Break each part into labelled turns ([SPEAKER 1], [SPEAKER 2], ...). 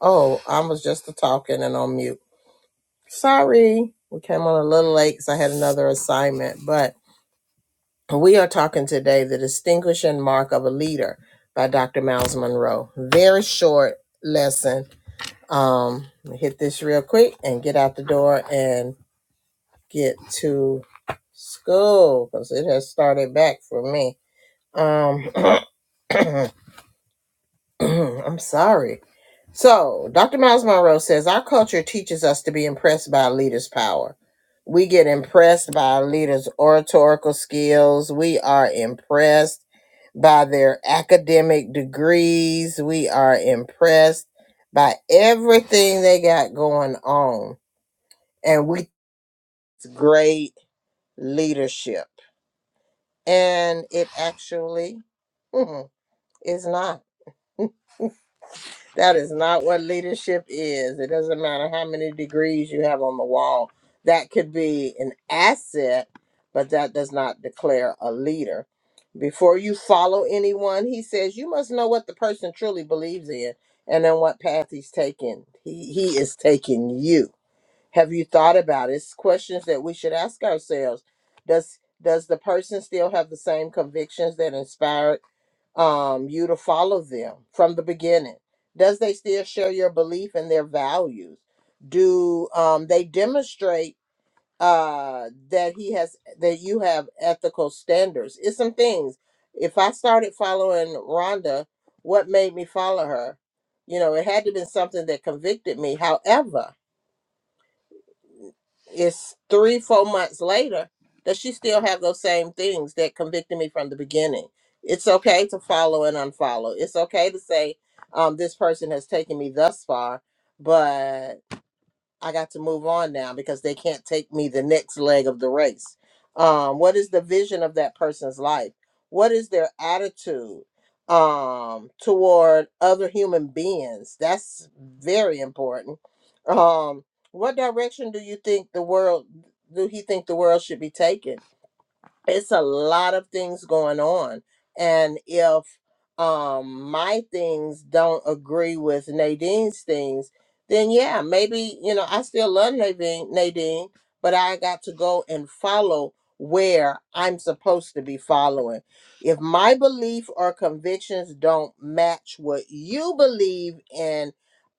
[SPEAKER 1] Oh, I was just talking and on mute. Sorry, we came on a little late because I had another assignment, but we are talking today The Distinguishing Mark of a Leader by Dr. Miles Monroe. Very short lesson. Um, hit this real quick and get out the door and get to school because it has started back for me. Um, I'm sorry. So, Dr. Miles Monroe says our culture teaches us to be impressed by a leader's power. We get impressed by a leader's oratorical skills. We are impressed by their academic degrees. We are impressed by everything they got going on. And we great leadership. And it actually is not. That is not what leadership is. It doesn't matter how many degrees you have on the wall. That could be an asset, but that does not declare a leader. Before you follow anyone, he says you must know what the person truly believes in and then what path he's taking. He he is taking you. Have you thought about it? It's questions that we should ask ourselves. Does does the person still have the same convictions that inspired um, you to follow them from the beginning? Does they still share your belief and their values? Do um, they demonstrate uh, that he has that you have ethical standards? It's some things. If I started following Rhonda, what made me follow her? You know, it had to be something that convicted me. However, it's three, four months later, does she still have those same things that convicted me from the beginning? It's okay to follow and unfollow. It's okay to say, um, this person has taken me thus far, but I got to move on now because they can't take me the next leg of the race. Um, what is the vision of that person's life? What is their attitude um, toward other human beings? That's very important. Um, what direction do you think the world do he think the world should be taken? it's a lot of things going on and if um my things don't agree with nadine's things then yeah maybe you know i still love nadine nadine but i got to go and follow where i'm supposed to be following if my belief or convictions don't match what you believe in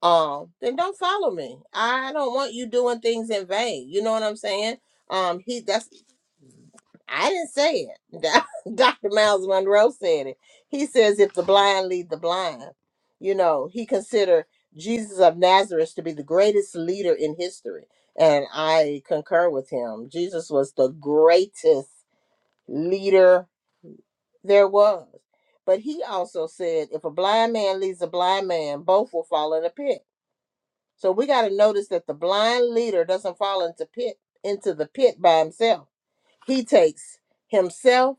[SPEAKER 1] um then don't follow me i don't want you doing things in vain you know what i'm saying um he that's I didn't say it. Dr. Miles Monroe said it. He says, if the blind lead the blind, you know, he considered Jesus of Nazareth to be the greatest leader in history. And I concur with him. Jesus was the greatest leader there was. But he also said, if a blind man leads a blind man, both will fall in a pit. So we got to notice that the blind leader doesn't fall into pit into the pit by himself. He takes himself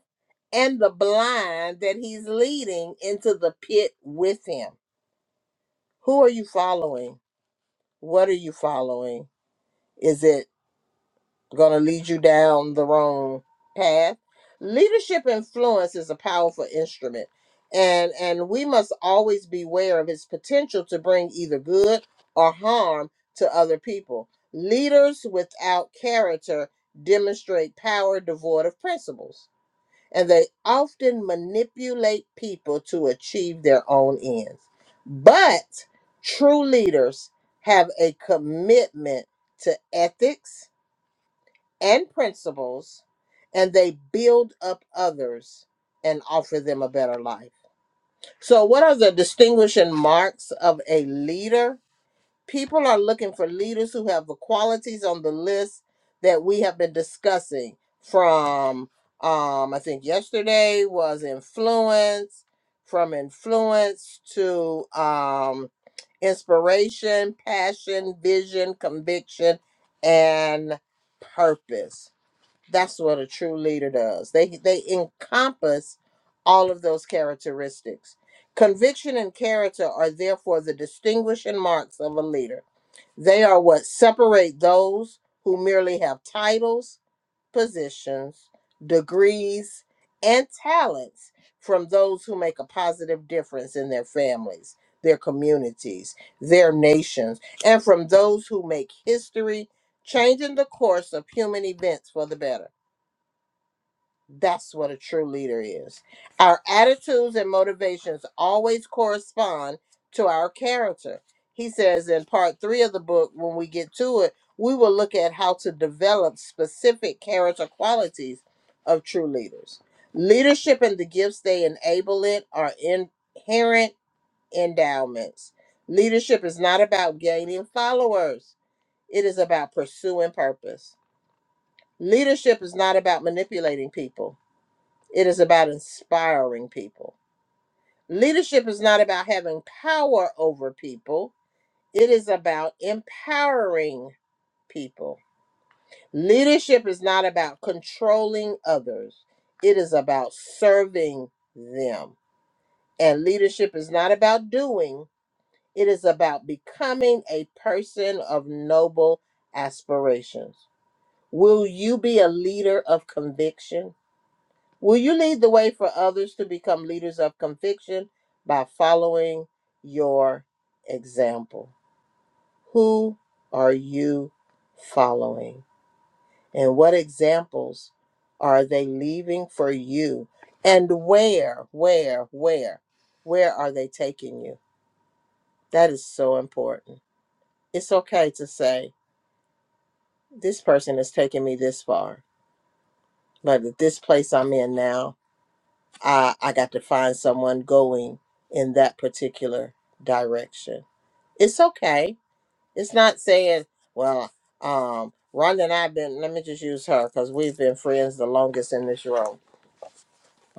[SPEAKER 1] and the blind that he's leading into the pit with him. Who are you following? What are you following? Is it going to lead you down the wrong path? Leadership influence is a powerful instrument. And and we must always beware of its potential to bring either good or harm to other people. Leaders without character demonstrate power devoid of principles and they often manipulate people to achieve their own ends. But true leaders have a commitment to ethics and principles, and they build up others and offer them a better life. So, what are the distinguishing marks of a leader? People are looking for leaders who have the qualities on the list that we have been discussing from um I think yesterday was influence, from influence to um inspiration, passion, vision, conviction, and purpose. That's what a true leader does. They they encompass all of those characteristics. Conviction and character are therefore the distinguishing marks of a leader they are what separate those who merely have titles, positions, degrees, and talents from those who make a positive difference in their families, their communities, their nations, and from those who make history, changing the course of human events for the better. That's what a true leader is. Our attitudes and motivations always correspond to our character. He says in part three of the book, when we get to it, we will look at how to develop specific character qualities of true leaders. Leadership and the gifts they enable it are inherent endowments. Leadership is not about gaining followers, it is about pursuing purpose. Leadership is not about manipulating people. It is about inspiring people. Leadership is not about having power over people, it is about empowering people. Leadership is not about controlling others, it is about serving them. And leadership is not about doing, it is about becoming a person of noble aspirations. Will you be a leader of conviction? Will you lead the way for others to become leaders of conviction by following your example? Who are you following? And what examples are they leaving for you? And where, where, where, where are they taking you? That is so important. It's okay to say, this person has taken me this far, but at this place I'm in now, I I got to find someone going in that particular direction. It's okay. It's not saying, well, um, Rhonda and I've been. Let me just use her because we've been friends the longest in this room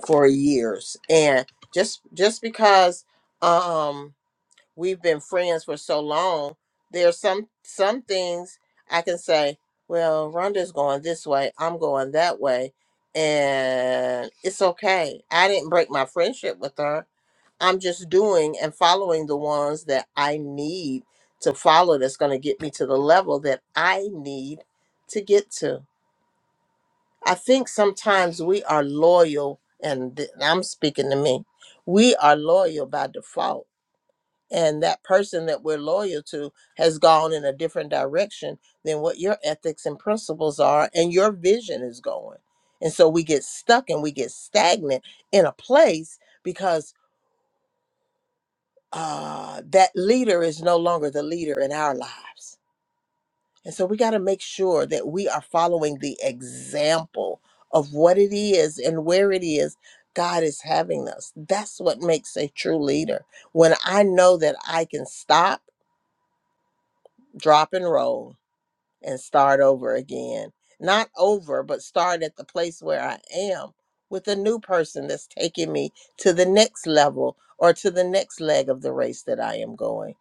[SPEAKER 1] for years, and just just because, um, we've been friends for so long. There's some some things I can say, well, Rhonda's going this way, I'm going that way, and it's okay. I didn't break my friendship with her. I'm just doing and following the ones that I need to follow that's going to get me to the level that I need to get to. I think sometimes we are loyal, and th- I'm speaking to me. We are loyal by default and that person that we're loyal to has gone in a different direction than what your ethics and principles are and your vision is going and so we get stuck and we get stagnant in a place because uh, that leader is no longer the leader in our lives and so we got to make sure that we are following the example of what it is and where it is god is having us that's what makes a true leader when i know that i can stop drop and roll and start over again. Not over, but start at the place where I am with a new person that's taking me to the next level or to the next leg of the race that I am going.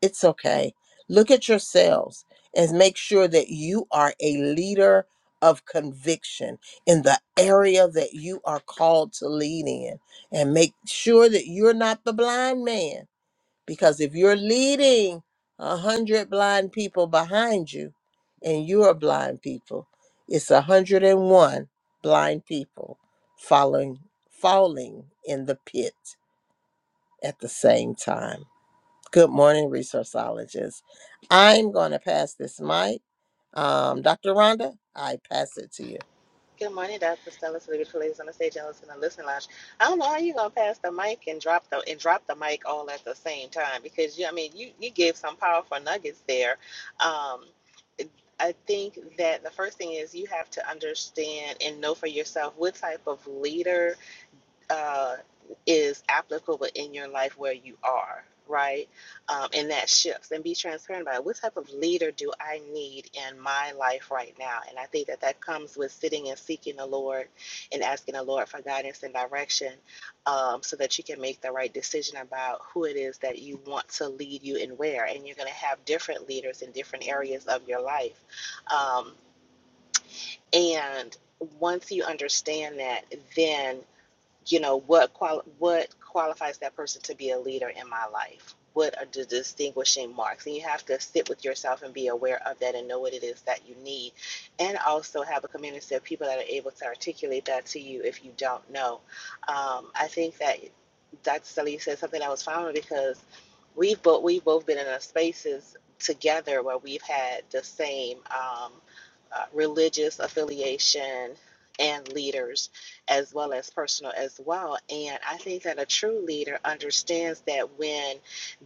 [SPEAKER 1] It's okay. Look at yourselves and make sure that you are a leader of conviction in the area that you are called to lead in and make sure that you're not the blind man because if you're leading a hundred blind people behind you and you are blind people, it's a hundred and one blind people following falling in the pit at the same time. Good morning, resourceologists. I'm gonna pass this mic. Um, Dr. Rhonda, I pass it to you.
[SPEAKER 2] Good morning, Dr. Stella, to the beautiful ladies on the stage and listen to Listen Lounge. I don't know how you gonna pass the mic and drop the and drop the mic all at the same time because you, I mean, you you gave some powerful nuggets there. Um, I think that the first thing is you have to understand and know for yourself what type of leader uh, is applicable in your life where you are, right? Um, and that shifts. And be transparent about it. What type of leader do I need in my life right now? And I think that that comes with sitting and seeking the Lord and asking the Lord for guidance and direction um, so that you can make the right decision about who it is that you want to lead you and where. And you're going to have different leaders in different areas of your life. Um, and once you understand that, then you know what quali- what qualifies that person to be a leader in my life what are the distinguishing marks and you have to sit with yourself and be aware of that and know what it is that you need and also have a community of people that are able to articulate that to you if you don't know um, i think that dr Sully said something that was found because we've both we've both been in a spaces together where we've had the same um, uh, religious affiliation and leaders as well as personal as well. And I think that a true leader understands that when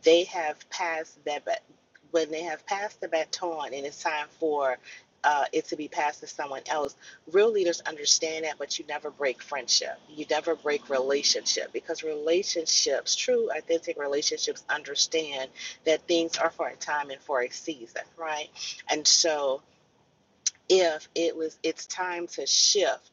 [SPEAKER 2] they have passed that, ba- when they have passed the baton and it's time for uh, it to be passed to someone else, real leaders understand that, but you never break friendship. You never break relationship because relationships, true, authentic relationships, understand that things are for a time and for a season, right? And so if it was, it's time to shift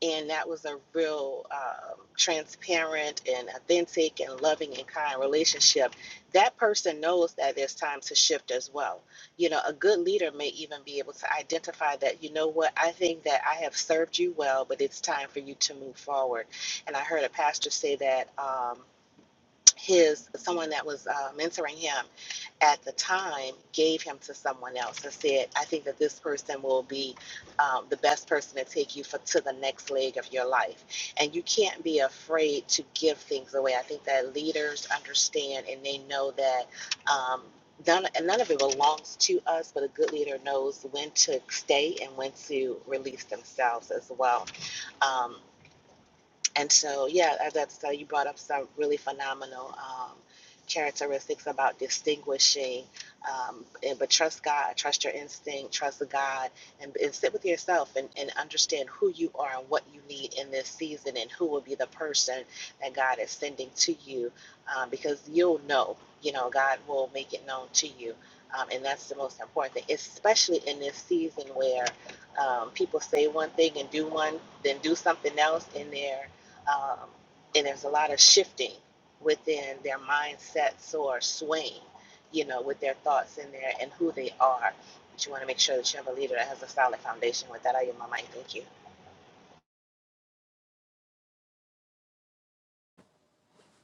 [SPEAKER 2] and that was a real um, transparent and authentic and loving and kind relationship that person knows that there's time to shift as well you know a good leader may even be able to identify that you know what i think that i have served you well but it's time for you to move forward and i heard a pastor say that um, his someone that was uh, mentoring him at the time gave him to someone else and said, "I think that this person will be um, the best person to take you for to the next leg of your life." And you can't be afraid to give things away. I think that leaders understand and they know that. Um, None, none of it belongs to us, but a good leader knows when to stay and when to release themselves as well. Um, and so, yeah, uh, that's uh, you brought up some really phenomenal um, characteristics about distinguishing. Um, and, but trust God, trust your instinct, trust God, and, and sit with yourself and, and understand who you are and what you need in this season and who will be the person that God is sending to you um, because you'll know, you know, God will make it known to you. Um, and that's the most important thing, especially in this season where um, people say one thing and do one, then do something else in there um, and there's a lot of shifting within their mindsets or swaying, you know, with their thoughts in there and who they are. But you want to make sure that you have a leader that has a solid foundation. With that, I yield my mic. Thank you.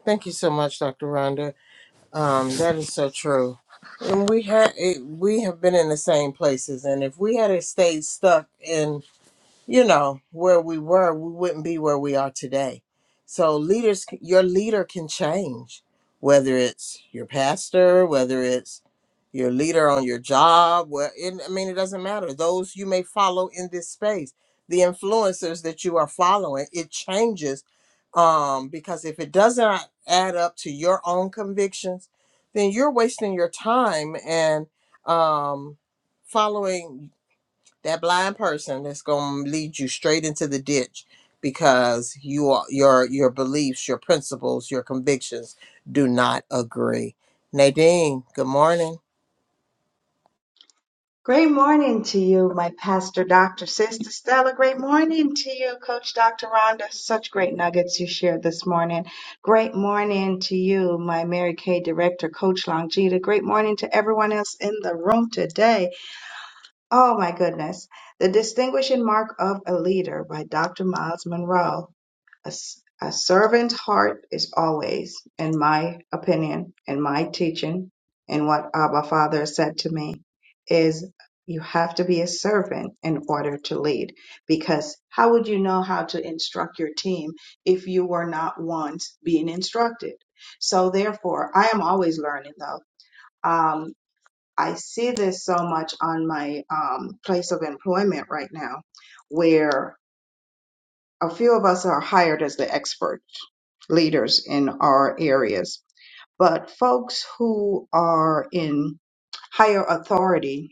[SPEAKER 1] Thank you so much, Dr. Rhonda. Um, that is so true. And we had it, we have been in the same places, and if we had stayed stuck you know, where we were, we wouldn't be where we are today. So leaders, c- your leader can change, whether it's your pastor, whether it's your leader on your job. Well, it, I mean, it doesn't matter. Those you may follow in this space, the influencers that you are following, it changes um, because if it doesn't add up to your own convictions, then you're wasting your time and um, following that blind person that's going to lead you straight into the ditch because you are your your beliefs, your principles, your convictions do not agree. Nadine, good morning.
[SPEAKER 3] Great morning to you, my pastor, Dr. Sister Stella. Great morning to you, Coach Dr. Rhonda. Such great nuggets you shared this morning. Great morning to you, my Mary Kay director, Coach Longita. Great morning to everyone else in the room today. Oh my goodness. The Distinguishing Mark of a Leader by Dr. Miles Monroe. A s- a servant's heart is always, in my opinion, in my teaching, and what Abba Father said to me, is you have to be a servant in order to lead. Because how would you know how to instruct your team if you were not once being instructed? So therefore, I am always learning though. Um, I see this so much on my um, place of employment right now, where a few of us are hired as the expert leaders in our areas, but folks who are in higher authority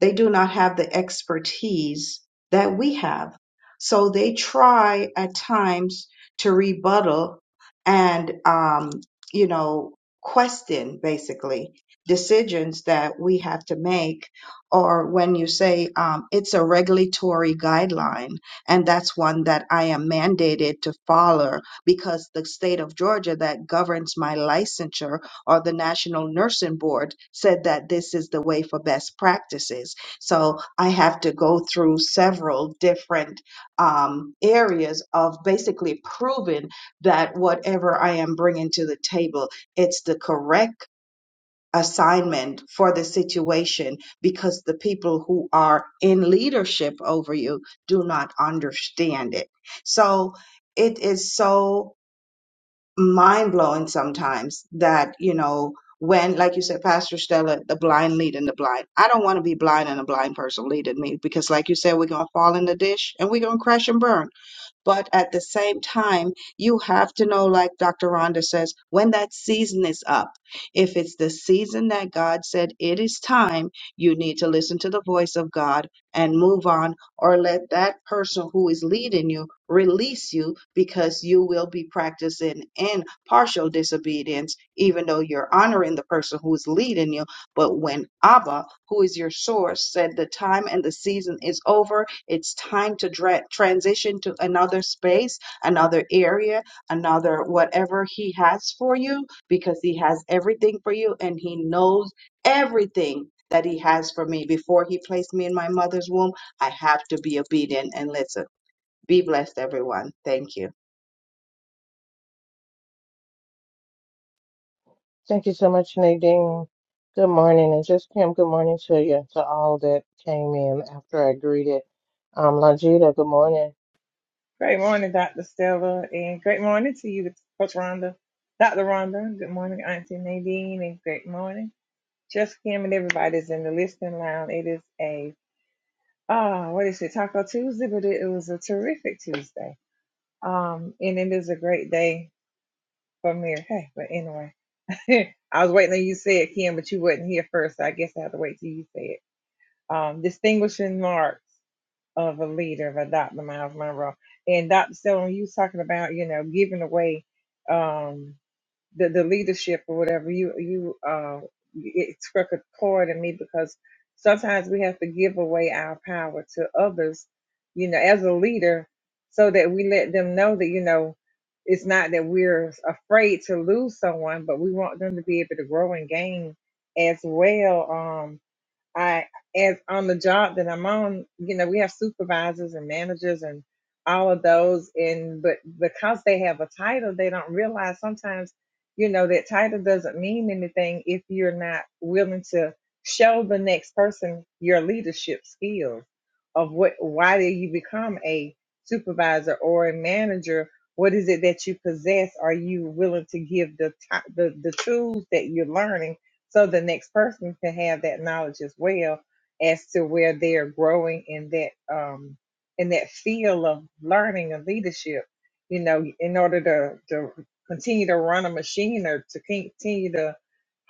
[SPEAKER 3] they do not have the expertise that we have. So they try at times to rebuttal and, um, you know, question basically decisions that we have to make. Or when you say um, it's a regulatory guideline, and that's one that I am mandated to follow because the state of Georgia that governs my licensure or the National Nursing Board said that this is the way for best practices. So I have to go through several different um, areas of basically proving that whatever I am bringing to the table, it's the correct assignment for the situation because the people who are in leadership over you do not understand it. So it is so mind blowing sometimes that, you know, when, like you said, Pastor Stella, the blind leading the blind. I don't want to be blind and a blind person leading me because, like you said, we're going to fall in the dish and we're going to crash and burn. But at the same time, you have to know, like Dr. Rhonda says, when that season is up. If it's the season that God said it is time, you need to listen to the voice of God and move on, or let that person who is leading you release you because you will be practicing in partial disobedience, even though you're honoring the person who's leading you. But when Abba, who is your source, said the time and the season is over, it's time to dra- transition to another space, another area, another whatever He has for you because He has everything for you and He knows everything that He has for me. Before He placed me in my mother's womb, I have to be obedient and listen. Be blessed, everyone. Thank you.
[SPEAKER 1] Thank you so much, Nadine. Good morning, and just Kim, good morning to you, to all that came in after I greeted. Um, Longita, good morning.
[SPEAKER 4] Great morning, Dr. Stella, and great morning to you, Coach Rhonda. Dr. Rhonda, good morning, Auntie Nadine, and great morning. Just Kim and everybody's in the listening lounge. It is a, ah, what is it, Taco Tuesday, but it, it was a terrific Tuesday. Um, and it is a great day for me. Hey, but anyway, I was waiting on you to say it, Kim, but you wasn't here first, so I guess I have to wait till you say it. Um, distinguishing marks. of a leader of a Dr. Miles Monroe. And Dr. Stone, you was talking about, you know, giving away um the, the leadership or whatever, you you uh it struck a chord in me because sometimes we have to give away our power to others, you know, as a leader, so that we let them know that, you know, it's not that we're afraid to lose someone, but we want them to be able to grow and gain as well. Um I, as on the job that I'm on, you know, we have supervisors and managers and all of those. And, but because they have a title, they don't realize sometimes, you know, that title doesn't mean anything if you're not willing to show the next person your leadership skills of what, why did you become a supervisor or a manager? What is it that you possess? Are you willing to give the, ti- the, the tools that you're learning? so the next person can have that knowledge as well as to where they're growing in that um in that field of learning and leadership you know in order to to continue to run a machine or to continue to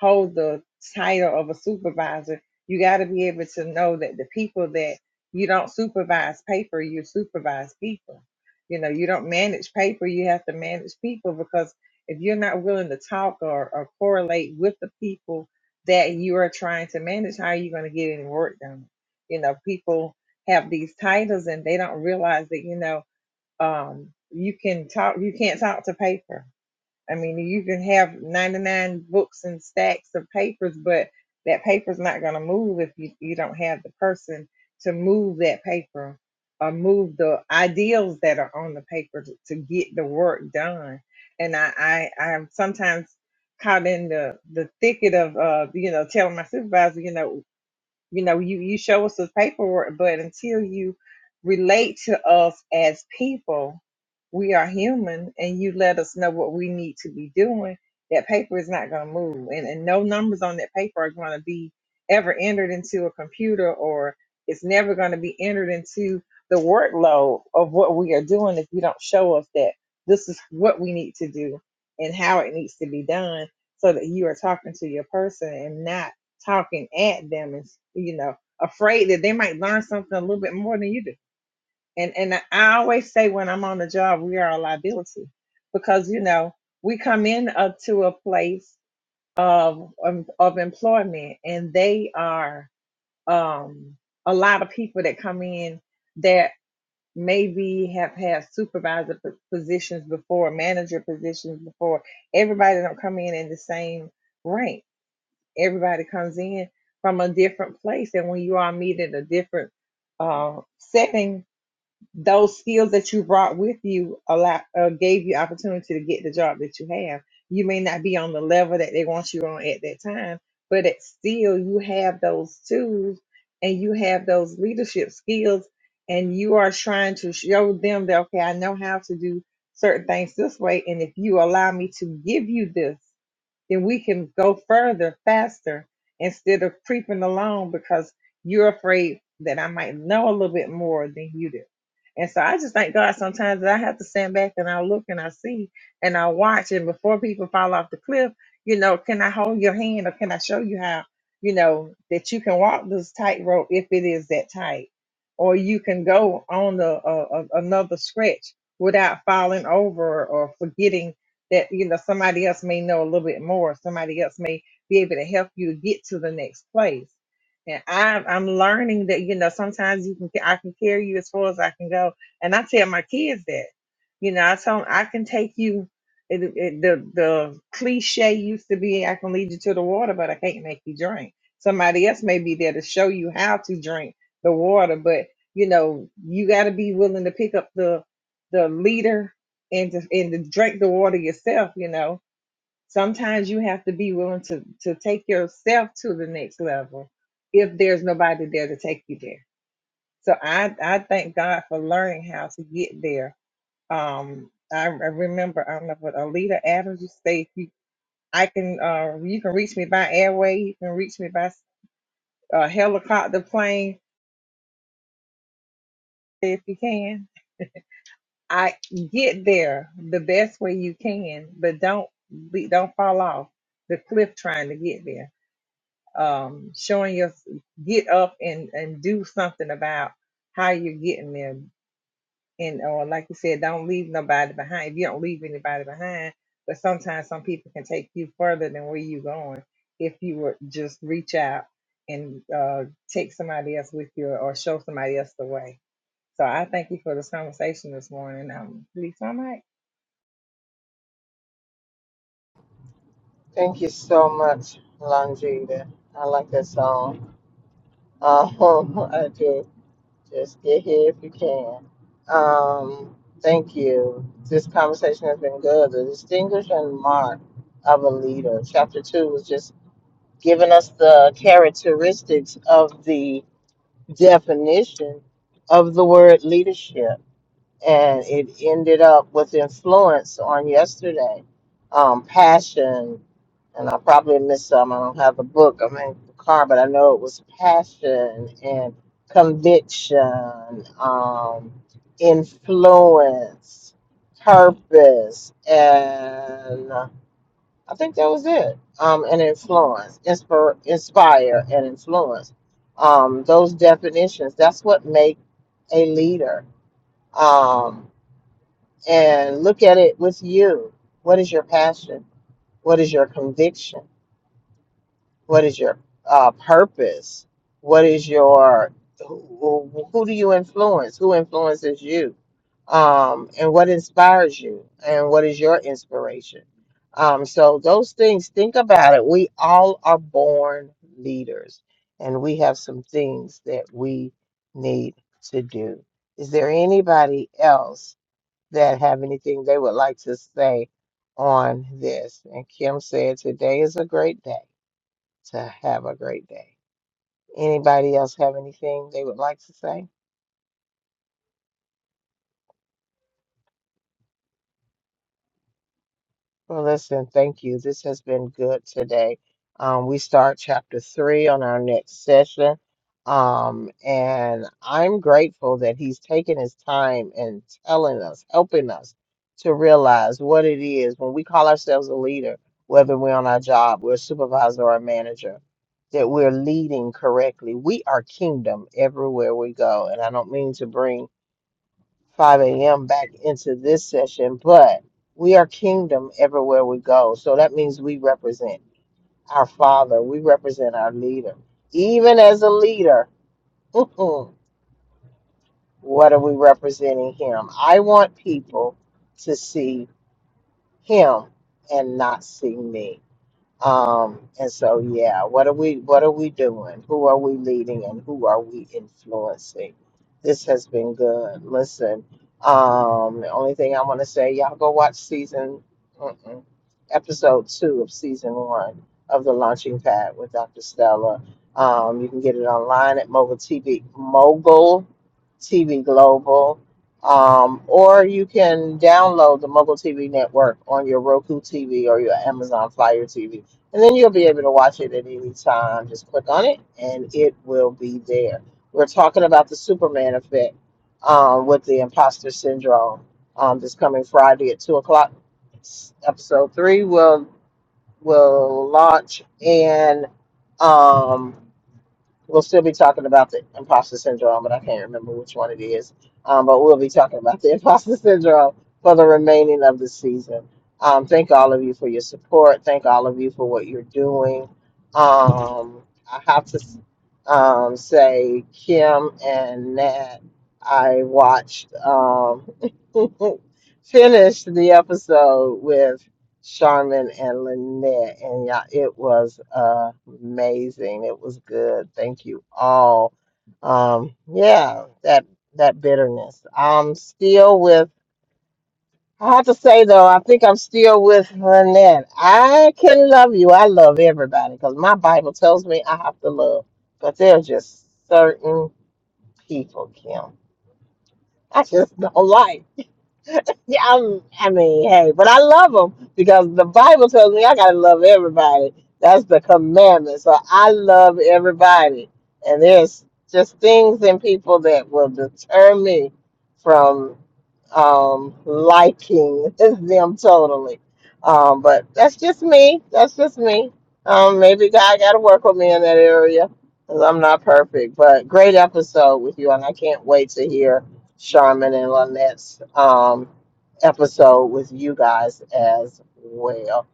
[SPEAKER 4] hold the title of a supervisor you got to be able to know that the people that you don't supervise paper you supervise people you know you don't manage paper you have to manage people because if you're not willing to talk or, or correlate with the people that you are trying to manage, how are you going to get any work done? You know, people have these titles and they don't realize that, you know, um, you can talk, you can't talk to paper I mean, you can have 99 books and stacks of papers, but that paper's not going to move if you, you don't have the person to move that paper or move the ideals that are on the paper to, to get the work done. And I, I, I am sometimes caught in the, the thicket of, uh, you know, telling my supervisor, you know, you know you you show us the paperwork but until you relate to us as people we are human and you let us know what we need to be doing that paper is not going to move and, and no numbers on that paper are going to be ever entered into a computer or it's never going to be entered into the workload of what we are doing if you don't show us that this is what we need to do and how it needs to be done so that you are talking to your person and not talking at them and you know afraid that they might learn something a little bit more than you do and and i I always say when i'm on the job we are a liability because you know we come in up to a place of of, of employment and they are um a lot of people that come in that maybe have had supervisor p- positions before manager positions before everybody don't come in in the same rank everybody comes in from a different place and when you all meet in a different uh, setting those skills that you brought with you allow, uh, gave you opportunity to get the job that you have you may not be on the level that they want you on at that time but it's still you have those tools and you have those leadership skills and you are trying to show them that okay i know how to do certain things this way and if you allow me to give you this then we can go further faster instead of creeping along because you're afraid that I might know a little bit more than you do. And so I just thank God sometimes that I have to stand back and I look and I see and I watch. And before people fall off the cliff, you know, can I hold your hand or can I show you how, you know, that you can walk this tightrope if it is that tight? Or you can go on the uh, uh, another stretch without falling over or forgetting that you know somebody else may know a little bit more somebody else may be able to help you to get to the next place and I, i'm learning that you know sometimes you can i can carry you as far as i can go and i tell my kids that you know i tell 'em, i can take you it, it, the the cliche used to be i can lead you to the water but i can't make you drink somebody else may be there to show you how to drink the water but you know you got to be willing to pick up the the leader and to, and to drink the water yourself, you know. Sometimes you have to be willing to to take yourself to the next level if there's nobody there to take you there. So I I thank God for learning how to get there. Um, I, I remember I don't know what Alita Adams used to say. If You, I can uh you can reach me by airway. You can reach me by uh, helicopter plane if you can. I get there the best way you can, but don't be, don't fall off the cliff trying to get there. Um, showing your get up and and do something about how you're getting there, and or like you said, don't leave nobody behind. If you don't leave anybody behind, but sometimes some people can take you further than where you're going if you would just reach out and uh, take somebody else with you or show somebody else the way. So I thank you for this conversation this morning. Um, Lisa, i mic.
[SPEAKER 1] Thank you so much, Longita. I like that song. Um, I do. Just get here if you can. Um, thank you. This conversation has been good. The distinguishing mark of a leader. Chapter two was just giving us the characteristics of the definition of the word leadership and it ended up with influence on yesterday. Um, passion, and I probably missed some. I don't have the book. I'm in the car, but I know it was passion and conviction, um, influence, purpose, and I think that was it. Um, and influence, inspire, inspire, and influence. Um, those definitions. That's what make a leader Um, and look at it with you. What is your passion? What is your conviction? What is your uh, purpose? What is your who, who who do you influence? Who influences you? Um, and what inspires you? And what is your inspiration? Um, so those things, think about it. We all are born leaders, and we have some things that we need to do. Is there anybody else that have anything they would like to say on this. And Kim said, Today is a great day to have a great day. Anybody else have anything they would like to say? Well, listen, thank you. This has been good today. Um, we start chapter three on our next session. Um, and I'm grateful that he's taking his time and telling us, helping us to realize what it is when we call ourselves a leader, whether we're on our job, we're a supervisor or a manager, that we're leading correctly. We are kingdom everywhere we go. And I don't mean to bring 5 a.m. back into this session, but we are kingdom everywhere we go. So that means we represent our Father, we represent our leader. Even as a leader, what are we representing Him? I want people to see Him and not see me. Um, and so, yeah, what are we what are we doing? Who are we leading and who are we influencing? This has been good. Listen, um, the only thing I want to say, y'all go watch season mm-mm, episode two of season one of the Launching Pad with Dr. Stella. Um, you can get it online at Mogul TV, Mogul TV Global, um, or you can download the Mogul TV network on your Roku TV or your Amazon Fire TV and then you'll be able to watch it at any time. Just click on it and it will be there. We're talking about the Superman effect um, with the imposter syndrome um, this coming Friday at 2 o'clock. Episode 3 will will launch and um, We'll still be talking about the imposter syndrome, but I can't remember which one it is. Um, but we'll be talking about the imposter syndrome for the remaining of the season. Um, thank all of you for your support. Thank all of you for what you're doing. Um, I have to um, say, Kim and Nat, I watched um, finished the episode with. Charmin and Lynette, and yeah, it was uh, amazing. It was good. Thank you all. Um, yeah, that that bitterness. I'm still with. I have to say though, I think I'm still with Lynette. I can love you. I love everybody because my Bible tells me I have to love. But there's just certain people, Kim. I just don't like. Yeah, I'm, I mean, hey, but I love them because the Bible tells me I gotta love everybody. That's the commandment. So I love everybody, and there's just things and people that will deter me from um, liking them totally. Um, but that's just me. That's just me. Um, maybe God got to work with me in that area because I'm not perfect. But great episode with you, and I can't wait to hear Charmin and Lynette's um, episode with you guys as well.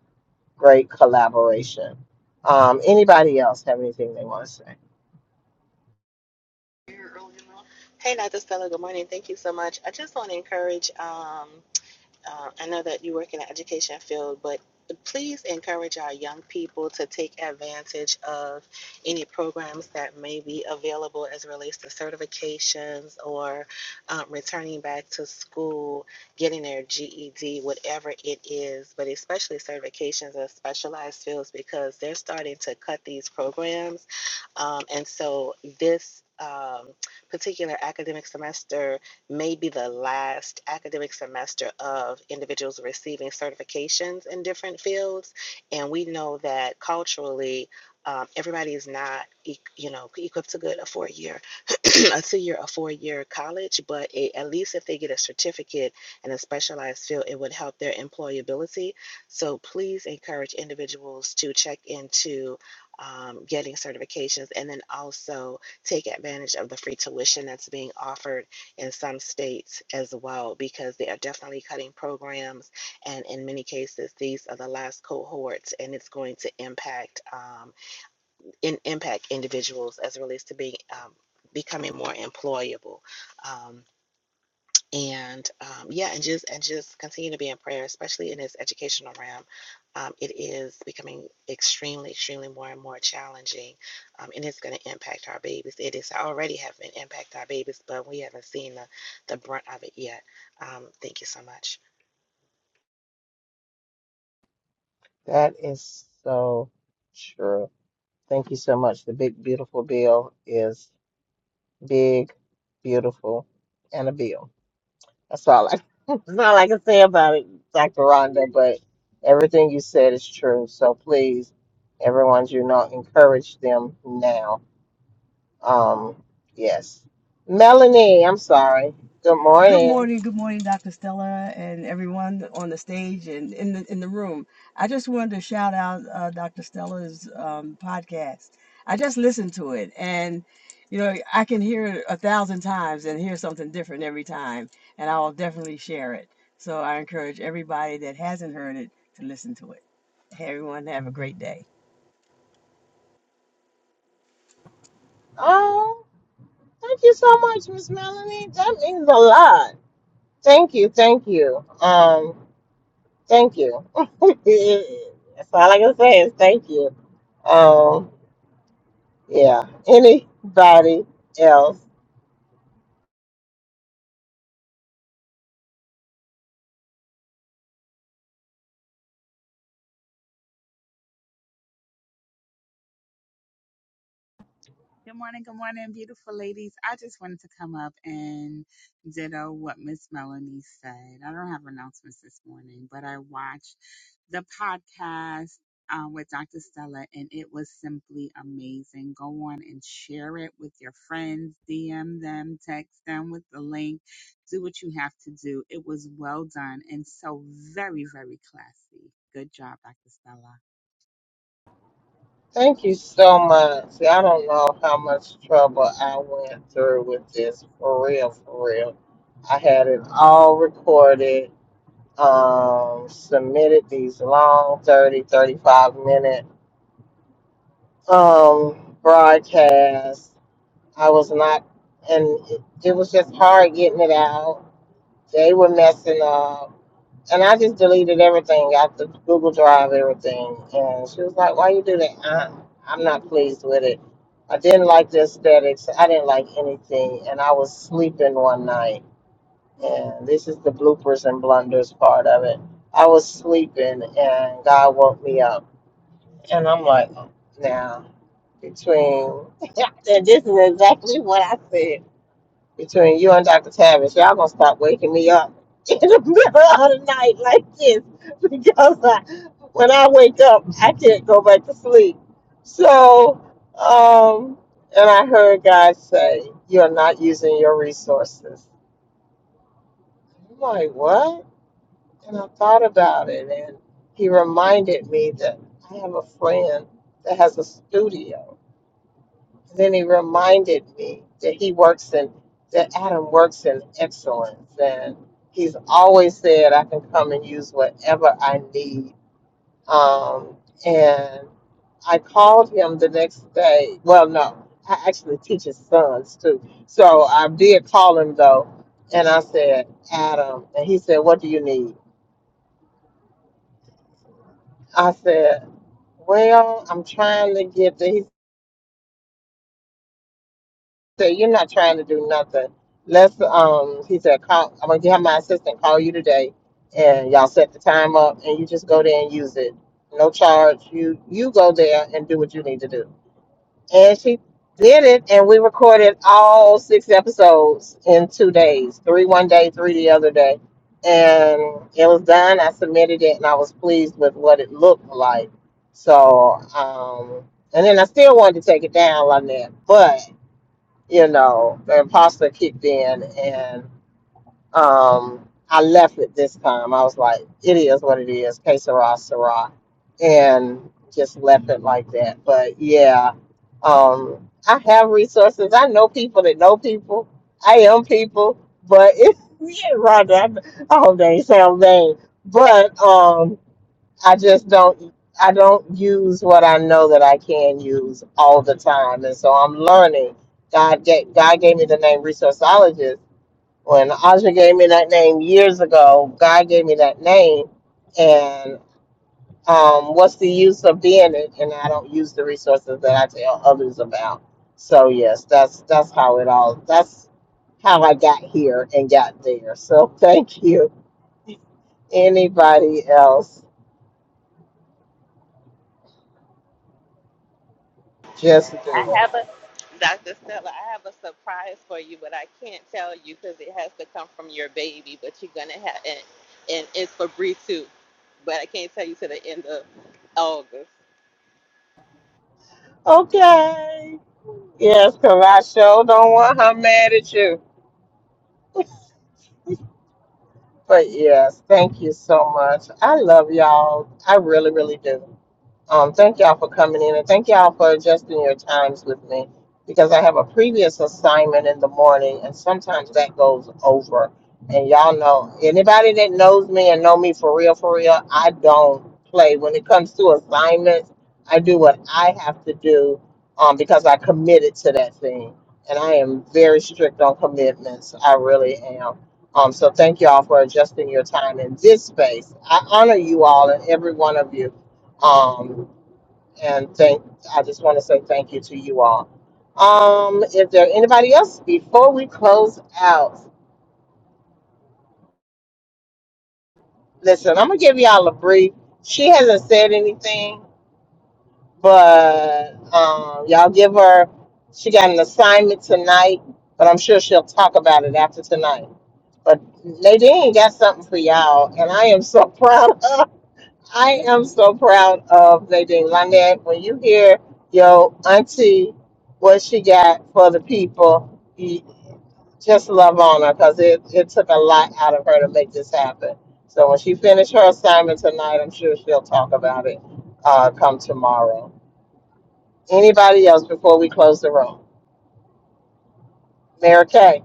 [SPEAKER 1] Great collaboration. Um, anybody else have anything they want to say?
[SPEAKER 2] Hey, Dr. Stella. Good morning. Thank you so much. I just want to encourage. Um, Uh, I know that you work in the education field, but please encourage our young people to take advantage of any programs that may be available as it relates to certifications or um, returning back to school, getting their GED, whatever it is, but especially certifications of specialized fields because they're starting to cut these programs. Um, and so this um, particular academic semester, may be the last academic semester of individuals receiving certifications in different fields. And we know that culturally, um, everybody is not, e- you know, equipped to good a four-year, a two-year, a four-year college. But it, at least if they get a certificate in a specialized field, it would help their employability. So please encourage individuals to check into um, getting certifications and then also take advantage of the free tuition that's being offered in some states as well because they are definitely cutting programs and in many cases these are the last cohorts and it's going to impact um, in, impact individuals as it relates to being um, becoming more employable um, and um, yeah, and just and just continue to be in prayer, especially in this educational realm. Um, it is becoming extremely, extremely more and more challenging, um, and it's going to impact our babies. It is already having impact our babies, but we haven't seen the, the brunt of it yet. Um, thank you so much.
[SPEAKER 1] That is so true. Thank you so much. The big beautiful bill is. big, beautiful, and a bill. That's all I that's all I can say about it, Dr. Rhonda, but everything you said is true. So please, everyone you know, encourage them now. Um, yes. Melanie, I'm sorry. Good
[SPEAKER 5] Good
[SPEAKER 1] morning.
[SPEAKER 5] morning, good morning, Dr. Stella, and everyone on the stage and in the in the room. I just wanted to shout out uh, Dr. Stella's um, podcast. I just listened to it, and you know I can hear it a thousand times and hear something different every time, and I'll definitely share it. So I encourage everybody that hasn't heard it to listen to it. Hey, everyone, have a great day.
[SPEAKER 1] Oh, thank you so much, Miss Melanie. That means a lot. Thank you, thank you. Um, thank you. That's all I can say is thank you. Um, Yeah. Anybody else?
[SPEAKER 6] Good morning, good morning, beautiful ladies. I just wanted to come up and ditto what Miss Melanie said. I don't have announcements this morning, but I watched the podcast um, with Dr. Stella and it was simply amazing. Go on and share it with your friends, DM them, text them with the link, do what you have to do. It was well done and so very, very classy. Good job, Dr. Stella.
[SPEAKER 1] Thank you so much. I don't know how much trouble I went through with this for real, for real. I had it all recorded, um, submitted these long 30, 35 minute um broadcasts. I was not and it, it was just hard getting it out. They were messing up. And I just deleted everything after Google Drive, everything. And she was like, Why you do that? I, I'm not pleased with it. I didn't like the aesthetics. I didn't like anything. And I was sleeping one night. And this is the bloopers and blunders part of it. I was sleeping and God woke me up. And I'm like, "Oh, Now, between. and this is exactly what I said between you and Dr. Tavis, y'all gonna stop waking me up in the middle of the night like this because I, when I wake up, I can't go back to sleep. So, um, and I heard God say, You're not using your resources. I'm like, What? And I thought about it, and He reminded me that I have a friend that has a studio And then he reminded me that he works in, that Adam works in excellence. And he's always said, I can come and use whatever I need. Um, and I called him the next day. Well, no, I actually teach his sons too. So I did call him though. And I said, Adam. And he said, What do you need? I said, Well, I'm trying to get there. said, "You're not trying to do nothing. Let's." Um, he said, "Call. I'm gonna have my assistant call you today, and y'all set the time up, and you just go there and use it. No charge. You you go there and do what you need to do." And she did it, and we recorded all six episodes in two days: three one day, three the other day, and it was done. I submitted it, and I was pleased with what it looked like. So, um, and then I still wanted to take it down, Lynette, but you know, the imposter kicked in and um, I left it this time. I was like, it is what it is, que sera, sera, and just left it like that. But yeah, um, I have resources. I know people that know people. I am people, but it's yeah, Rhonda, I, I hope they ain't sound vain. But um, I just don't I don't use what I know that I can use all the time. And so I'm learning. God gave, God gave me the name resourceologist. When Aja gave me that name years ago, God gave me that name. And um, what's the use of being it? And I don't use the resources that I tell others about. So yes, that's that's how it all. That's how I got here and got there. So thank you. Anybody else, just
[SPEAKER 2] I
[SPEAKER 1] do it.
[SPEAKER 2] have a Dr. Stella. I have a surprise for you, but I can't tell you because it has to come from your baby. But you're gonna have and and it's for Bree too, but I can't tell you till the end of August.
[SPEAKER 1] Okay. Yes, because I sure don't want her mad at you. But yes, thank you so much. I love y'all. I really, really do. Um, thank y'all for coming in and thank y'all for adjusting your times with me because I have a previous assignment in the morning and sometimes that goes over. And y'all know anybody that knows me and know me for real, for real, I don't play when it comes to assignments. I do what I have to do um, because I committed to that thing, and I am very strict on commitments. I really am. Um, so thank y'all for adjusting your time in this space. I honor you all and every one of you. Um, and thank, I just want to say thank you to you all. Um, if there anybody else before we close out, listen, I'm gonna give y'all a brief. She hasn't said anything, but um, y'all give her. She got an assignment tonight, but I'm sure she'll talk about it after tonight. But Nadine got something for y'all, and I am so proud of I am so proud of Nadine Lynette. When you hear your auntie, what she got for the people, you just love on her because it, it took a lot out of her to make this happen. So when she finished her assignment tonight, I'm sure she'll talk about it uh, come tomorrow. Anybody else before we close the room? Mary Kay,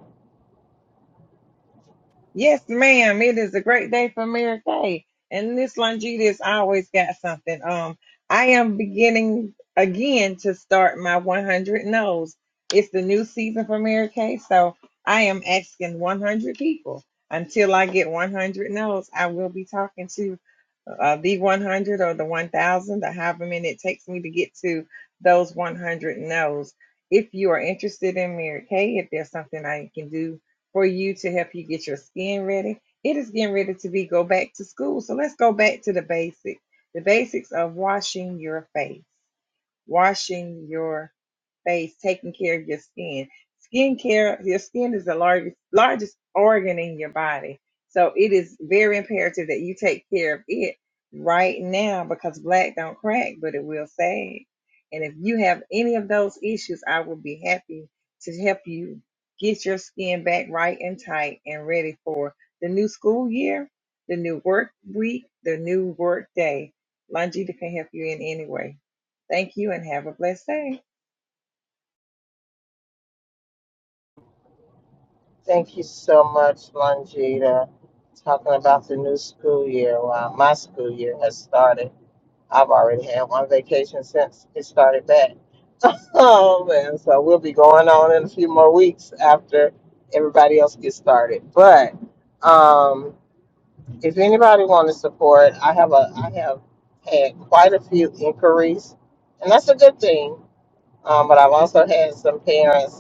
[SPEAKER 4] Yes, ma'am. It is a great day for Mary Kay. And this has always got something. Um, I am beginning again to start my 100 no's. It's the new season for Mary Kay, so I am asking 100 people. Until I get 100 no's, I will be talking to uh, the 100 or the 1,000, or however many it takes me to get to those 100 no's. If you are interested in Mary Kay, if there's something I can do for you to help you get your skin ready. It is getting ready to be go back to school. So let's go back to the basics. The basics of washing your face, washing your face, taking care of your skin. Skin care. your skin is the largest largest organ in your body. So it is very imperative that you take care of it right now because black don't crack, but it will sag. And if you have any of those issues, I will be happy to help you get your skin back right and tight and ready for the new school year, the new work week, the new work day. Longita can help you in any way. Thank you and have a blessed day.
[SPEAKER 1] thank you so much, Longita, talking about the new school year. Wow, my school year has started. I've already had one vacation since it started back. Oh man, so we'll be going on in a few more weeks after everybody else gets started. But um, if anybody want to support, I have a I have had quite a few inquiries, and that's a good thing. Um, but I've also had some parents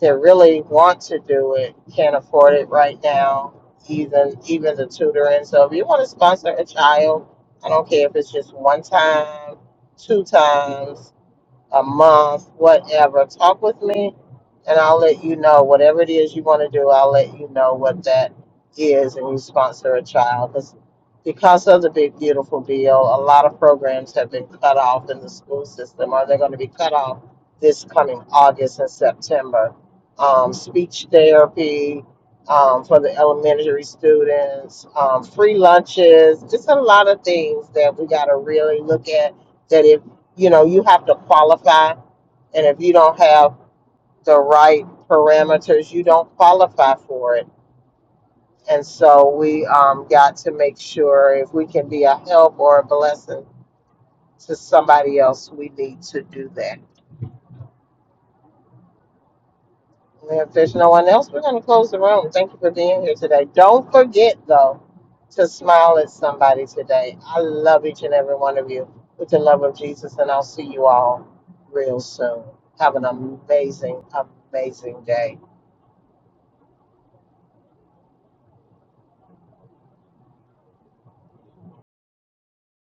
[SPEAKER 1] that really want to do it can't afford it right now, even even the tutoring. So if you want to sponsor a child, I don't care if it's just one time, two times, a month, whatever. Talk with me and I'll let you know whatever it is you want to do. I'll let you know what that is and you sponsor a child because because of the big beautiful bill, a lot of programs have been cut off in the school system or they're going to be cut off this coming August and September. Um, speech therapy um, for the elementary students, um, free lunches, just a lot of things that we got to really look at That if you know, you have to qualify. And if you don't have the right parameters, you don't qualify for it. And so we um, got to make sure if we can be a help or a blessing to somebody else, we need to do that. And If there's no one else, we're going to close the room. Thank you for being here today. Don't forget, though, to smile at somebody today. I love each and every one of you with the love of Jesus, and I'll see you all real soon. Have an amazing, amazing day.